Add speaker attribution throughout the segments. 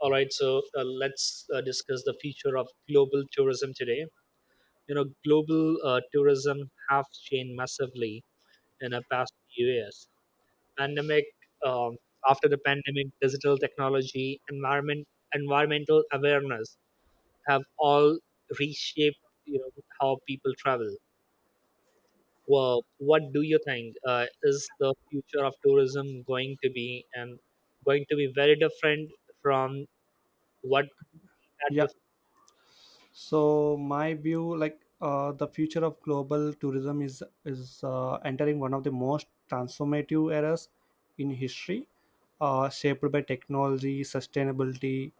Speaker 1: All right, so let's discuss the future of global tourism today. Global tourism have changed massively in the past few years. Pandemic, um, after the pandemic, digital technology, environmental awareness have all reshaped you know how people travel. Well, what do you think is the future of tourism going to be, and going to be very different from what
Speaker 2: Yeah.
Speaker 1: had
Speaker 2: So my view, the future of global tourism is entering one of the most transformative eras in history, shaped by technology, sustainability,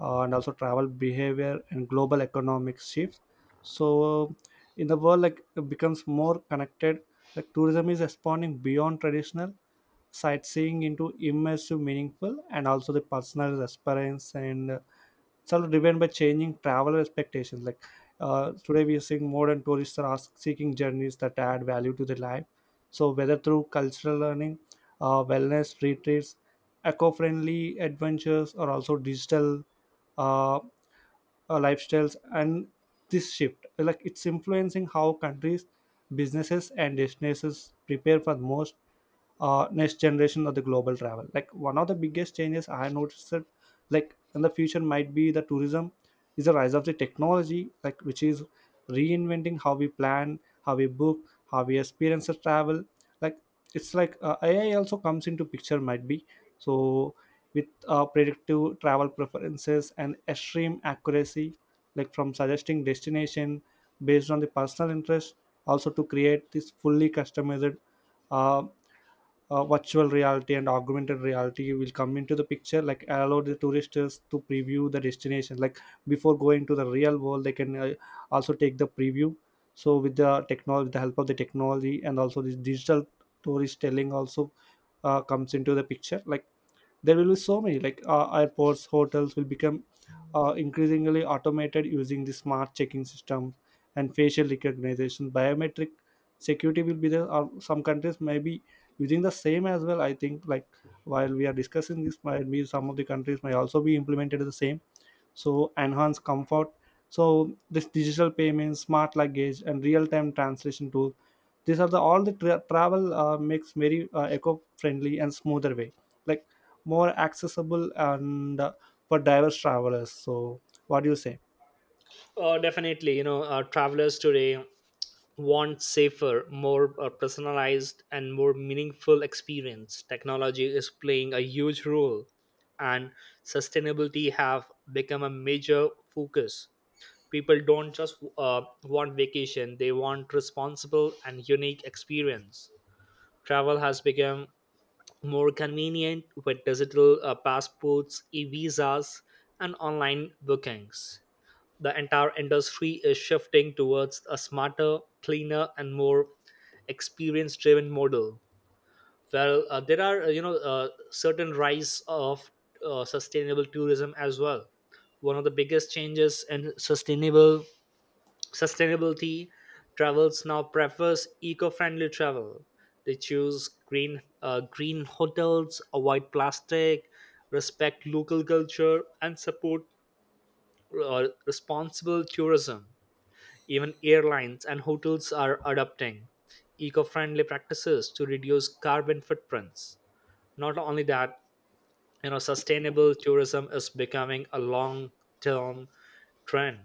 Speaker 2: and also travel behavior and global economic shifts. So in the world, like it becomes more connected. Like tourism is expanding beyond traditional sightseeing into immersive, meaningful, and also the personal experience, and it's also driven by changing traveler expectations. Like today we are seeing modern tourists are seeking journeys that add value to their life, so whether through cultural learning, wellness retreats, eco-friendly adventures, or also digital uh, uh, lifestyles. And this shift, like it's influencing how countries, businesses, and destinations prepare for most next generation of the global travel. Like one of the biggest changes I noticed that like in the future might be the tourism is the rise of the technology, like which is reinventing how we plan, how we book, how we experience the travel. Like it's like AI also comes into picture might be. So with predictive travel preferences and extreme accuracy, like from suggesting destination based on the personal interest, also to create this fully customized uh, virtual reality and augmented reality will come into the picture, like allow the tourists to preview the destination. Like before going to the real world they can also take the preview. So with the technology, with the help of the technology, and also this digital storytelling also comes into the picture. Like there will be so many like airports, hotels will become increasingly automated using the smart checking system, and facial recognition, biometric security will be there, or some countries may be using the same as well. I think like while we are discussing this, might be some of the countries may also be implemented the same, so enhance comfort. So this digital payments, smart luggage, and real-time translation tool, these are the all the travel makes very eco-friendly and smoother way, like more accessible and for diverse travelers. So what do you say?
Speaker 1: Oh, definitely. Travelers today want safer, more personalized, and more meaningful experience. Technology is playing a huge role, and sustainability have become a major focus. People don't just want vacation; they want responsible and unique experience. Travel has become more convenient with digital passports, e-visas, and online bookings. The entire industry is shifting towards a smarter, cleaner, and more experience-driven model. Well, there are certain rise of sustainable tourism as well. One of the biggest changes in sustainable sustainability, travels now prefers eco-friendly travel. They choose green hotels, avoid plastic, respect local culture, and support responsible tourism. Even airlines and hotels are adopting eco-friendly practices to reduce carbon footprints. Not only that, sustainable tourism is becoming a long-term trend.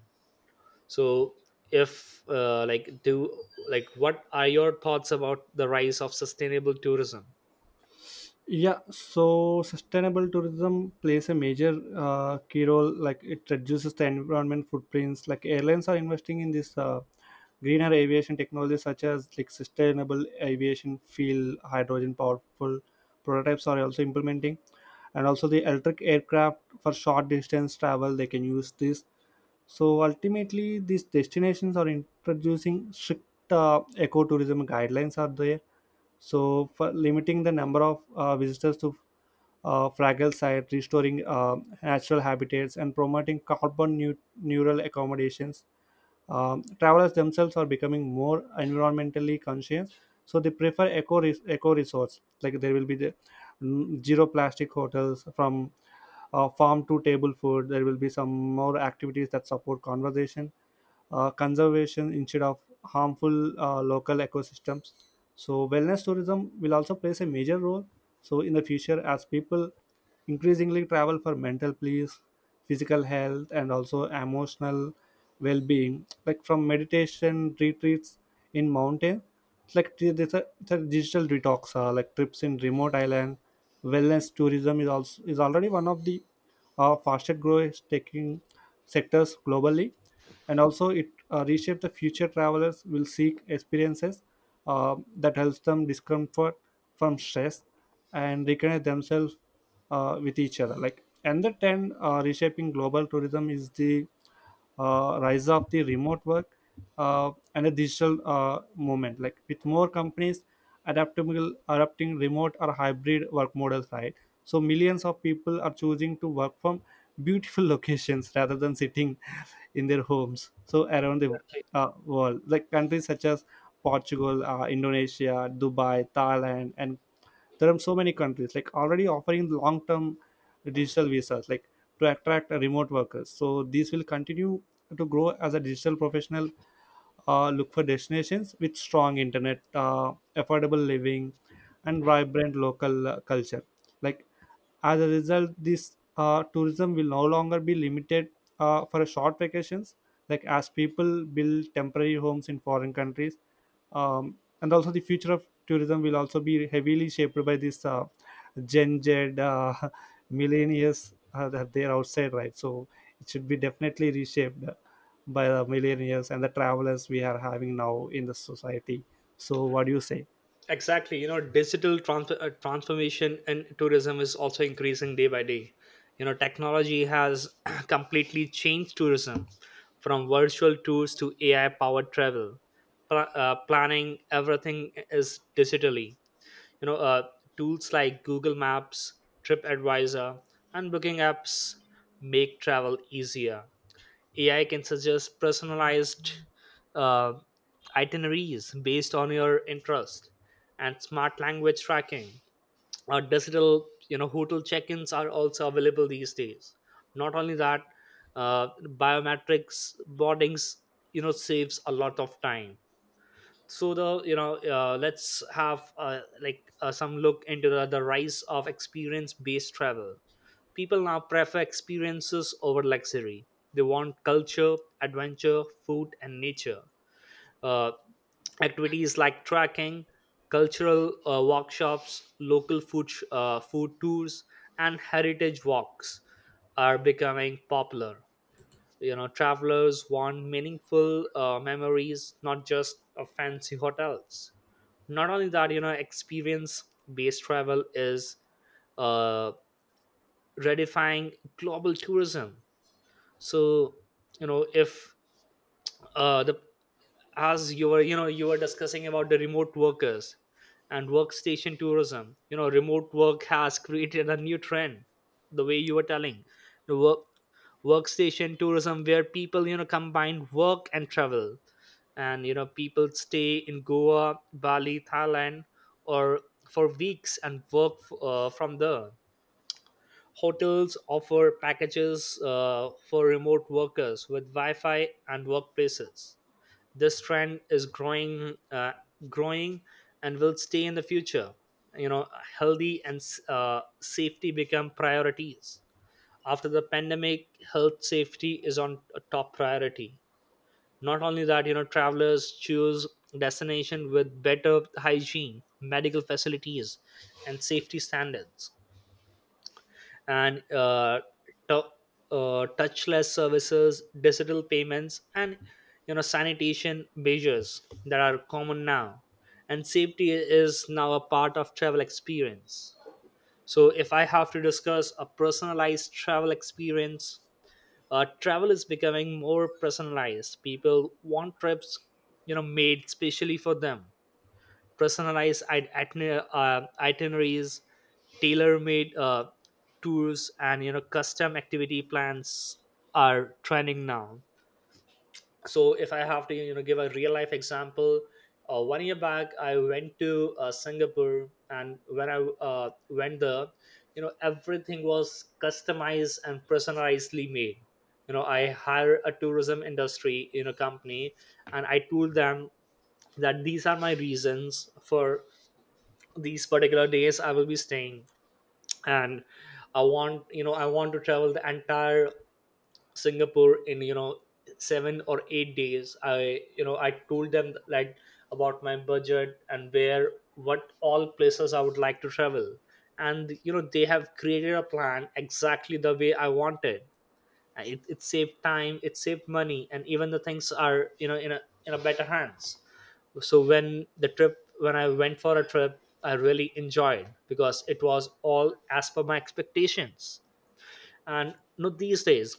Speaker 1: So, if like do like, what are your thoughts about the rise of sustainable tourism?
Speaker 2: Yeah, so sustainable tourism plays a major key role. Like it reduces the environment footprints. Like airlines are investing in this greener aviation technologies such as like sustainable aviation fuel, hydrogen powerful prototypes are also implementing, and also the electric aircraft for short distance travel. They can use this. So ultimately, these destinations are introducing strict ecotourism guidelines are there. So for limiting the number of visitors to fragile sites, restoring natural habitats, and promoting carbon neural accommodations. Travelers themselves are becoming more environmentally conscious, so they prefer eco resorts. Like there will be the zero plastic hotels, from farm to table food. There will be some more activities that support conversation, conservation instead of harmful local ecosystems. So wellness tourism will also plays a major role. So in the future, as people increasingly travel for mental peace, physical health, and also emotional well-being, like from meditation retreats in mountain, it's like it's a digital detox, like trips in remote island. Wellness tourism is also is already one of the fastest growing taking sectors globally, and also it reshapes the future. Travelers will seek experiences that helps them discomfort from stress and reconnect themselves with each other. Like, and the trend reshaping global tourism is the rise of the remote work and a digital movement, like with more companies adaptable adapting remote or hybrid work models, right? So millions of people are choosing to work from beautiful locations rather than sitting in their homes. So around the world, like countries such as Portugal, Indonesia, Dubai, Thailand, and there are so many countries like already offering long term digital visas, like to attract remote workers. So these will continue to grow as a digital professional look for destinations with strong internet, affordable living, and vibrant local culture. Like as a result, this tourism will no longer be limited for short vacations, like as people build temporary homes in foreign countries. Um, and also, the future of tourism will also be heavily shaped by this Gen Z uh, millennials that they're outside, right? So it should be definitely reshaped by the millennials and the travelers we are having now in the society. So, what do you say?
Speaker 1: Exactly. Digital transformation in tourism is also increasing day by day. You know, technology has completely changed tourism from virtual tours to AI powered travel. Pla- planning everything is digitally. You know, tools like Google Maps, TripAdvisor, and booking apps make travel easier. AI can suggest personalized uh, itineraries based on your interest, and smart language tracking. Or digital, hotel check-ins are also available these days. Not only that, biometrics boardings, saves a lot of time. So let's have like some look into the rise of experience-based travel. People now prefer experiences over luxury. They want culture, adventure, food, and nature. Uh, activities like trekking, cultural workshops, local food, food tours, and heritage walks are becoming popular. Travelers want meaningful memories, not just fancy hotels. Not only that, experience based travel is uh, redefining global tourism. So, if the as you were discussing about the remote workers and workstation tourism, remote work has created a new trend. The way you were telling, the work workstation tourism where people, combine work and travel, and people stay in Goa, Bali, Thailand, or for weeks and work from there. Hotels offer packages for remote workers with Wi-Fi and workplaces. This trend is growing, growing, and will stay in the future. You know, healthy and safety become priorities. After the pandemic, health safety is on a top priority. Not only that, travelers choose destination with better hygiene, medical facilities, and safety standards, and tou- touchless services, digital payments, and sanitation measures that are common now. And safety is now a part of travel experience. So if I have to discuss a personalized travel experience, travel is becoming more personalized. People want trips, made specially for them. Personalized itineraries, tailor-made tours, and custom activity plans are trending now. So if I have to, give a real life example, one year back I went to Singapore, and when I went there, everything was customized and personalizedly made. I hired a tourism industry, company, and I told them that these are my reasons. For these particular days I will be staying, and I want to travel the entire Singapore in, 7 or 8 days. I you know i told them, like, about my budget and where what all places I would like to travel, and they have created a plan exactly the way I wanted it. It saved time, it saved money, and even the things are, in a better hands. So when the trip when I went for a trip I really enjoyed because it was all as per my expectations. And, these days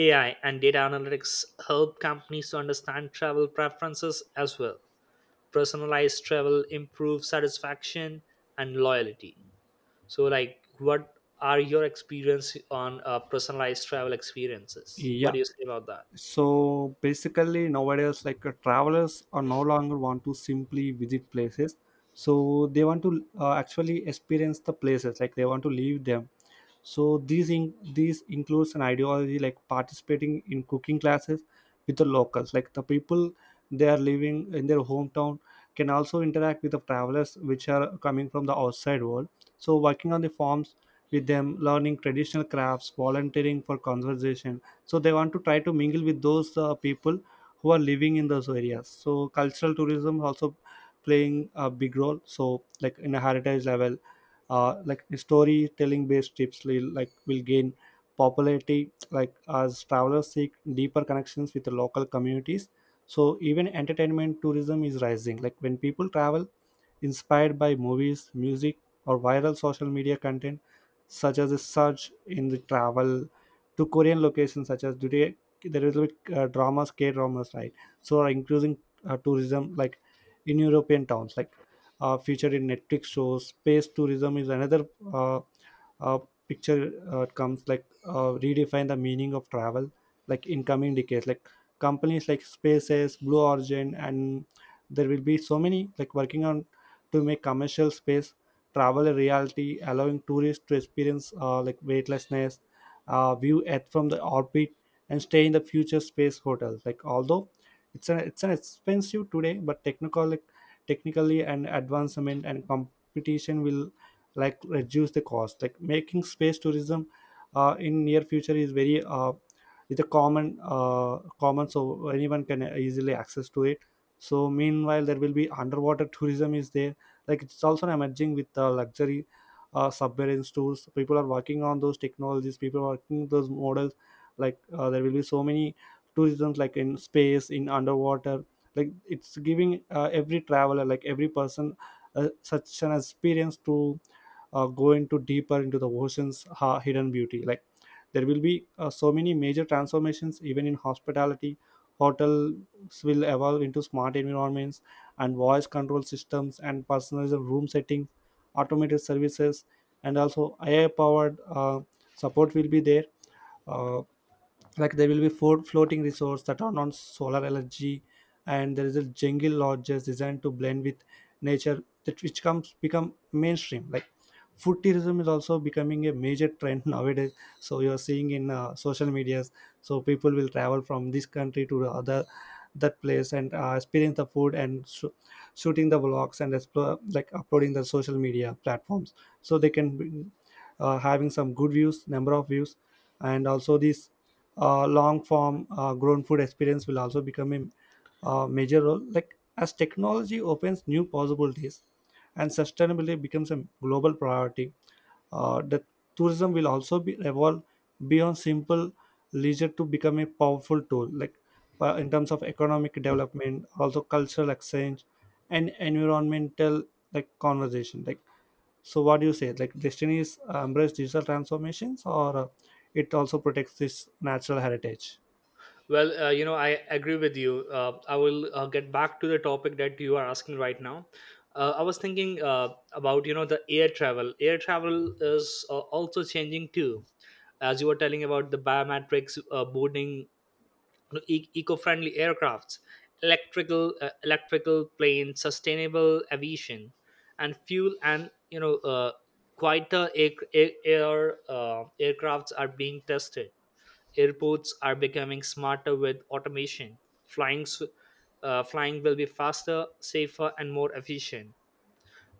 Speaker 1: AI and data analytics help companies to understand travel preferences as well. Personalized travel improves satisfaction and loyalty. So, like, what are your experience on personalized travel experiences? What
Speaker 2: Yeah,
Speaker 1: do you say about that?
Speaker 2: so basically nowadays like travelers are no longer want to simply visit places, so they want to actually experience the places, like they want to leave them. So these includes an ideology like participating in cooking classes with the locals, like the people they are living in their hometown can also interact with the travelers which are coming from the outside world, so working on the farms with them, learning traditional crafts, volunteering for conservation. So they want to try to mingle with those people who are living in those areas. So cultural tourism also playing a big role. So like in a heritage level, like storytelling based trips will like will gain popularity, like as travelers seek deeper connections with the local communities. So even entertainment tourism is rising, like when people travel inspired by movies, music, or viral social media content, such as a surge in the travel to Korean locations, such as today there is like dramas, K dramas, right? So are increasing tourism like in European towns, like featured in Netflix shows. Space tourism is another uh, uh, picture comes, like redefine the meaning of travel, like in coming decades, like companies like SpaceX, Blue Origin, and there will be so many like working on to make commercial space travel a reality, allowing tourists to experience like weightlessness, view Earth from the orbit, and stay in the future space hotels. Like although it's an expensive today, but technically and advancement and competition will like reduce the cost. Like making space tourism in near future is very it's a common common, so anyone can easily access to it. So meanwhile there will be underwater tourism is there, like it's also emerging with luxury submarine tours. People are working on those technologies, people are working those models. Like there will be so many tourism like in space, in underwater, like it's giving every traveler, like every person such an experience to go into deeper into the ocean's hidden beauty. Like there will be so many major transformations even in hospitality. Hotels will evolve into smart environments and voice control systems and personalized room settings, automated services, and also AI powered support will be there. uh, like there will be four floating resorts that are on solar energy, and there is a jungle lodges designed to blend with nature, that which comes become mainstream. Like food tourism is also becoming a major trend nowadays. So you're seeing in social medias. So people will travel from this country to the other, that place and experience the food and shooting the vlogs and explore, like uploading the social media platforms, so they can be, having some good views, number of views. And also these long form grown food experience will also become a major role. Like as technology opens new possibilities and sustainability becomes a global priority, the tourism will also be evolve beyond simple leisure to become a powerful tool, like in terms of economic development, also cultural exchange and environmental like conversation. Like so what do you say? Like Destiny is embrace digital transformations, or it also protects this natural heritage?
Speaker 1: Well, I agree with you. I will get back to the topic that you are asking right now. I was thinking about, the air travel. Air travel is also changing too, as you were telling about the biometrics boarding, eco-friendly aircrafts, electrical planes, sustainable aviation, and fuel, and quieter aircrafts are being tested. Airports are becoming smarter with automation. Flying, s- Flying will be faster, safer, and more efficient.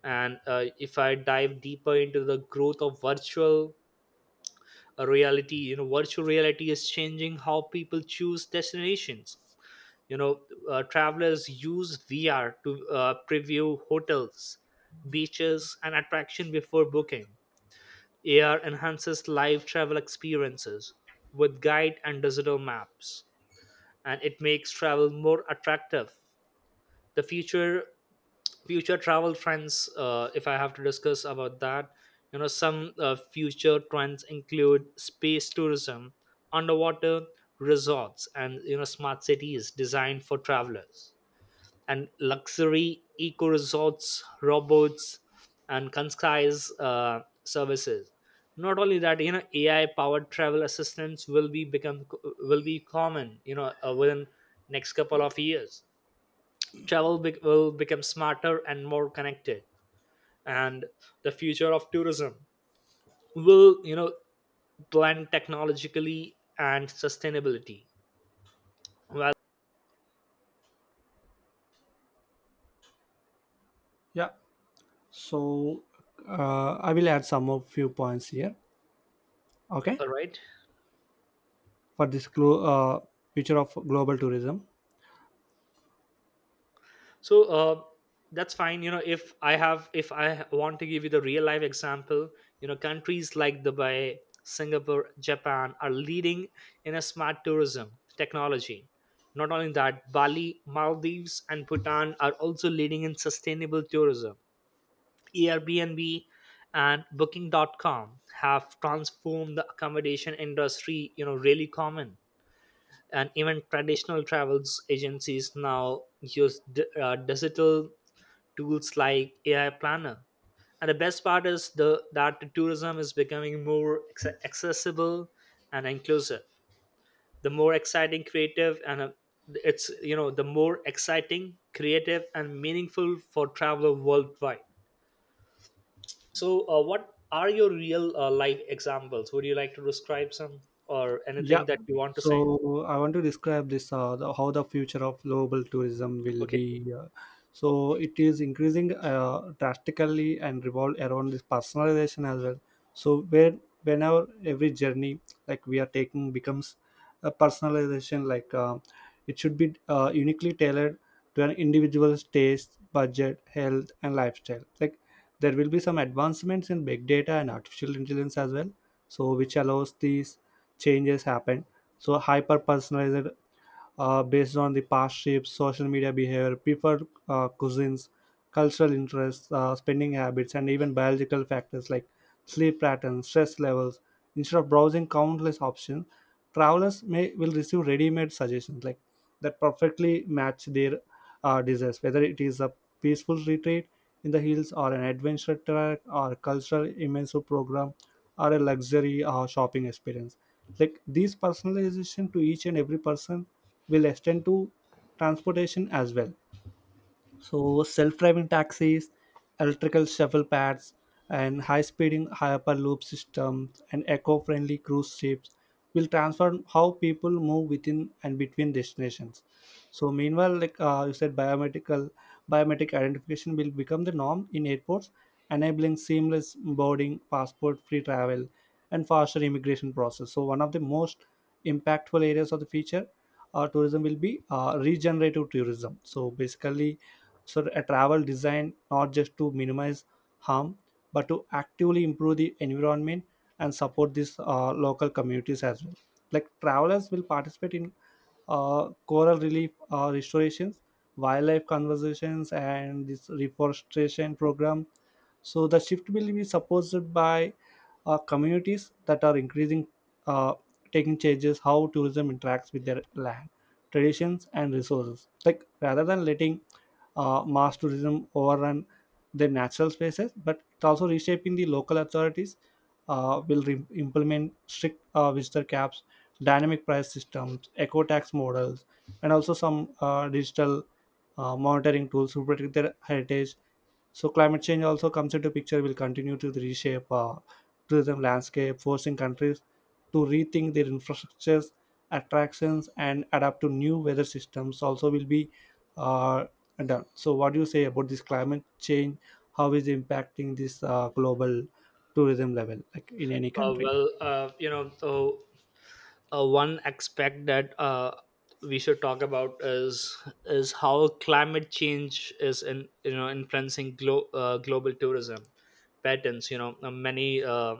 Speaker 1: And if I dive deeper into the growth of virtual reality, virtual reality is changing how people choose destinations. You know, travelers use VR to preview hotels, beaches, and attraction before booking. AR enhances live travel experiences with guide and digital maps, and it makes travel more attractive. The future travel trends, if I have to discuss about that, some future trends include space tourism, underwater resorts, and smart cities designed for travelers, and luxury eco resorts, robots, and concise services. Not only that, AI powered travel assistants will be common. Within next couple of years, will become smarter and more connected, and the future of tourism will, blend technologically and sustainability. Well,
Speaker 2: Yeah. So I will add some of few points here. Okay,
Speaker 1: all right.
Speaker 2: for this future of global tourism.
Speaker 1: So that's fine. If I want to give you the real life example, countries like Dubai, Singapore, Japan are leading in a smart tourism technology. Not only that, Bali, Maldives, and Bhutan are also leading in sustainable tourism. Airbnb and Booking.com have transformed the accommodation industry, really common. And even traditional travels agencies now use digital tools like AI Planner. And the best part is the that the tourism is becoming more accessible and inclusive. The more exciting, creative, and it's you know the more exciting, creative, and meaningful for traveler worldwide. So, what are your real life examples? Would you like to describe some or
Speaker 2: Yeah.
Speaker 1: anything that you want to say?
Speaker 2: So I want to describe this how the future of global tourism will
Speaker 1: Okay.
Speaker 2: be. So it is increasing drastically and revolve around this personalization as well. So where whenever every journey like we are taking becomes a personalization, like it should be uniquely tailored to an individual's taste, budget, health, and lifestyle. Like there will be some advancements in big data and artificial intelligence as well. So which allows these changes happen. So hyper personalized based on the past shifts, social media behavior, preferred cuisines, cultural interests, spending habits, and even biological factors like sleep patterns, stress levels. Instead of browsing countless options, travelers may will receive ready-made suggestions like that perfectly match their desires, whether it is a peaceful retreat in the hills or an adventure track or cultural immersive program or a luxury shopping experience. Like these personalization to each and every person will extend to transportation as well. So self-driving taxis, electrical shuffle pads, and high-speeding hyperloop systems and eco-friendly cruise ships will transform how people move within and between destinations. So meanwhile, like you said, biometric identification will become the norm in airports, enabling seamless boarding, passport-free travel, and faster immigration process. So one of the most impactful areas of the future tourism will be regenerative tourism. So basically, a travel designed not just to minimize harm but to actively improve the environment and support these local communities as well, like travelers will participate in coral relief restorations, wildlife conservations, and this reforestation program. So the shift will be supported by communities that are increasing, uh, taking changes how tourism interacts with their land, traditions, and resources. Like rather than letting mass tourism overrun their natural spaces, but it's also reshaping the local authorities. Will implement strict visitor caps, dynamic price systems, eco tax models, and also some digital monitoring tools to protect their heritage. So climate change also comes into picture. Will continue to reshape tourism landscape, forcing countries to rethink their infrastructures, attractions, and adapt to new weather systems. Also, will be uh, done. So, what do you say about this climate change? How is it impacting this global tourism level, like in any country?
Speaker 1: Well, one aspect that we should talk about is how climate change is in, influencing global tourism patterns. Many uh,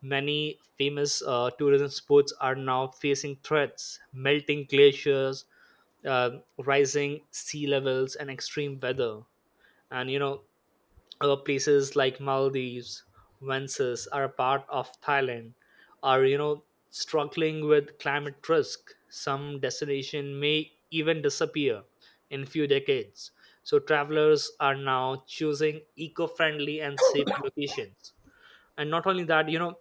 Speaker 1: many famous tourism spots are now facing threats: melting glaciers, rising sea levels, and extreme weather. And, places like Maldives, Vences are a part of Thailand, are, struggling with climate risk. Some destination may even disappear in few decades. So travelers are now choosing eco-friendly and safer locations. And not only that,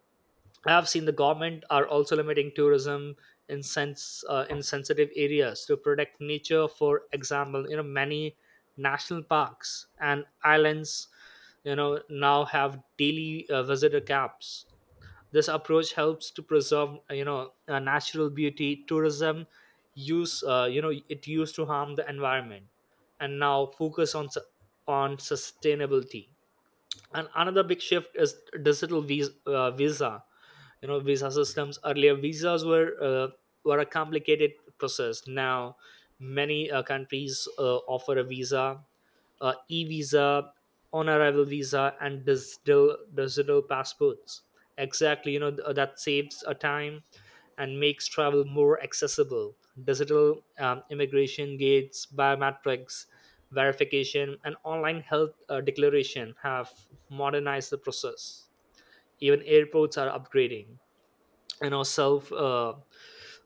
Speaker 1: I have seen the government are also limiting tourism in sensitive areas to protect nature. For example, many national parks and islands, now have daily visitor caps. This approach helps to preserve, natural beauty. Tourism use you know it used to harm the environment, and now focus on on sustainability. And another big shift is digital visa. Visa systems, earlier visas were a complicated process. Now many countries offer a visa e-visa, on arrival visa, and digital passports, exactly. That saves a time and makes travel more accessible. Digital immigration gates, biometrics verification, and online health declaration have modernized the process. Even airports are upgrading, you know self uh,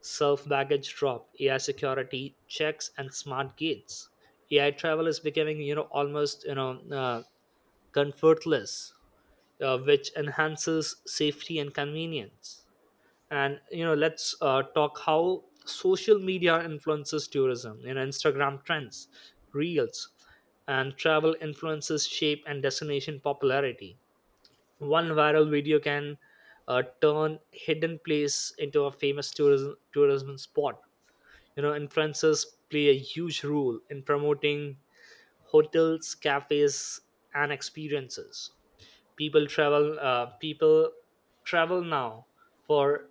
Speaker 1: self baggage drop, AI security checks, and smart gates. AI travel is becoming, almost, uh, comfortless, which enhances safety and convenience. And, let's talk how social media influences tourism. Instagram trends, reels, and travel influences shape and destination popularity. One viral video can, turn hidden place into a famous tourism spot. Influencers play a huge role in promoting hotels, cafes, and experiences. People travel now for,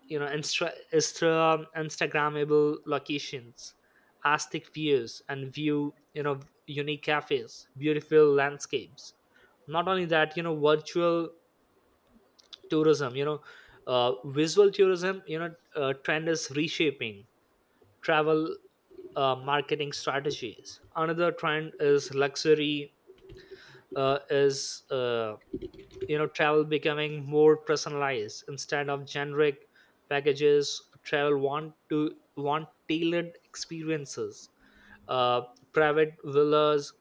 Speaker 1: instagrammable locations, aesthetic views, and view you know unique cafes, beautiful landscapes. Not only that, virtual tourism, visual tourism, trend is reshaping travel marketing strategies. Another trend is luxury is you know travel becoming more personalized instead of generic packages. Travel want tailored experiences: uh, private villas,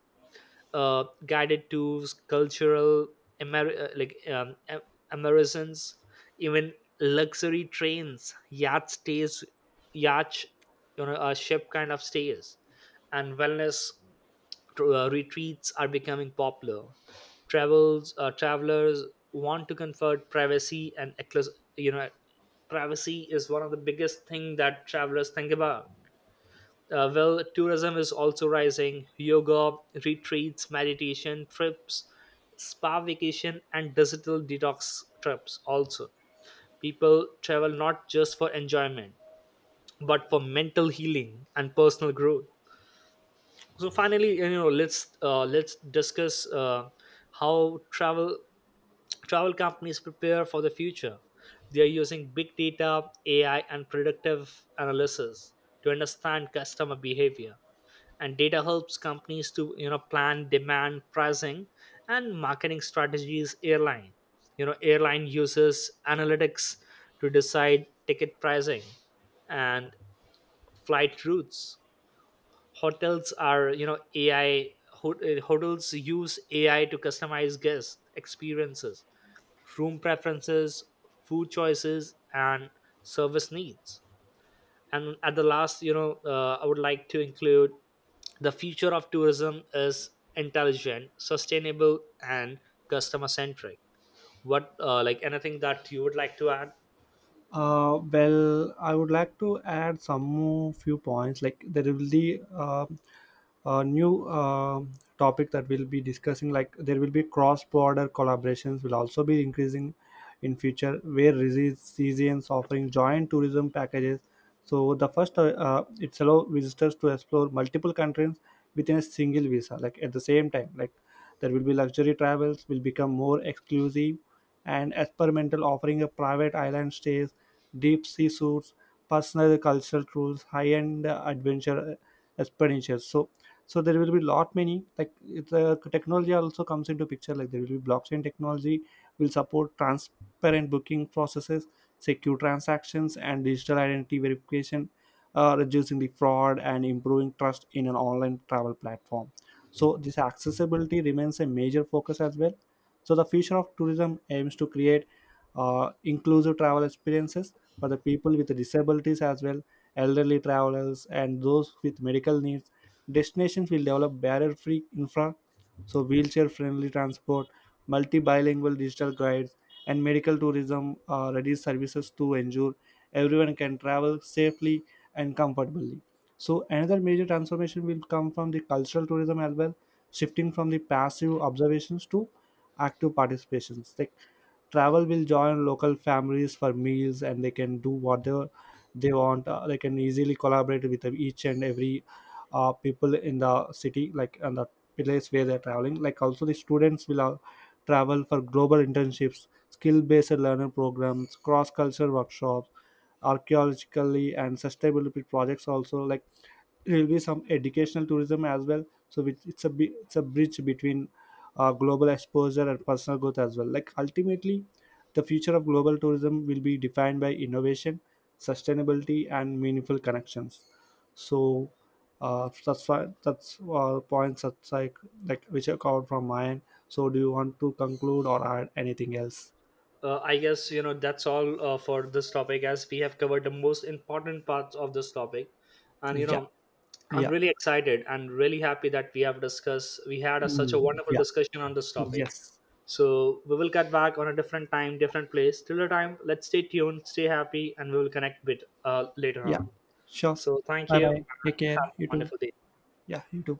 Speaker 1: guided tours, cultural, Amer- uh, like um, a- Americans, even luxury trains, yacht stays, yacht, a ship kind of stays, and wellness retreats are becoming popular. Travels travelers want to comfort, privacy, and, you know, privacy is one of the biggest thing that travelers think about. Well, tourism is also rising. Yoga, retreats, meditation trips, spa vacation, and digital detox trips also. People travel not just for enjoyment, but for mental healing and personal growth. So finally, let's discuss how travel companies prepare for the future. They are using big data, AI, and predictive analysis to understand customer behavior, and data helps companies to, plan demand pricing and marketing strategies. Airline you know airline uses analytics to decide ticket pricing and flight routes. Hotels are you know ai ho- uh, hotels use AI to customize guest experiences, room preferences, food choices, and service needs. And at the last, I would like to include the future of tourism is intelligent, sustainable, and customer centric. What, like, anything that you would like to add?
Speaker 2: Well, I would like to add some more few points. Like there will be a new topic that we'll be discussing. Like there will be cross-border collaborations will also be increasing in future, where regions offering joint tourism packages. So the first, it's allow visitors to explore multiple countries within a single visa. Like at the same time, like there will be luxury travels will become more exclusive and experimental, offering a private island stays, deep sea suits, personal cultural tours, high-end adventure expenditures. So there will be lot many, like the technology also comes into picture. Like there will be blockchain technology will support transparent booking processes, secure transactions, and digital identity verification, reducing the fraud and improving trust in an online travel platform. So this accessibility remains a major focus as well. So the future of tourism aims to create inclusive travel experiences for the people with disabilities as well, elderly travelers, and those with medical needs. Destinations will develop barrier free infra. So, wheelchair friendly transport, multi bilingual digital guides, and medical tourism are ready services to ensure everyone can travel safely and comfortably. So, another major transformation will come from the cultural tourism as well, shifting from the passive observations to active participations. Like travel will join local families for meals and they can do whatever they want, they can easily collaborate with each and every people in the city, like, and the place where they're traveling, like also the students will travel for global internships, skill based learner programs, cross cultural workshops, archaeologically and sustainability projects also. Like there will be some educational tourism as well, so which it's a bridge between global exposure and personal growth as well. Like ultimately the future of global tourism will be defined by innovation, sustainability, and meaningful connections. So that's why that's points that's like which are covered from mine. So do you want to conclude or add anything else?
Speaker 1: I guess, that's all for this topic, as we have covered the most important parts of this topic. And,
Speaker 2: Yeah,
Speaker 1: I'm
Speaker 2: yeah.
Speaker 1: really excited and really happy that we have discussed, we had a, such a
Speaker 2: Mm,
Speaker 1: wonderful
Speaker 2: yeah,
Speaker 1: discussion on this topic.
Speaker 2: yes,
Speaker 1: So we will get back on a different time, different place. Till the time, let's stay tuned, stay happy, and we will connect bit later
Speaker 2: yeah.
Speaker 1: on.
Speaker 2: Sure.
Speaker 1: So thank
Speaker 2: Bye
Speaker 1: you
Speaker 2: bye. Take
Speaker 1: and
Speaker 2: care.
Speaker 1: have a
Speaker 2: You too.
Speaker 1: wonderful day.
Speaker 2: Yeah, you too.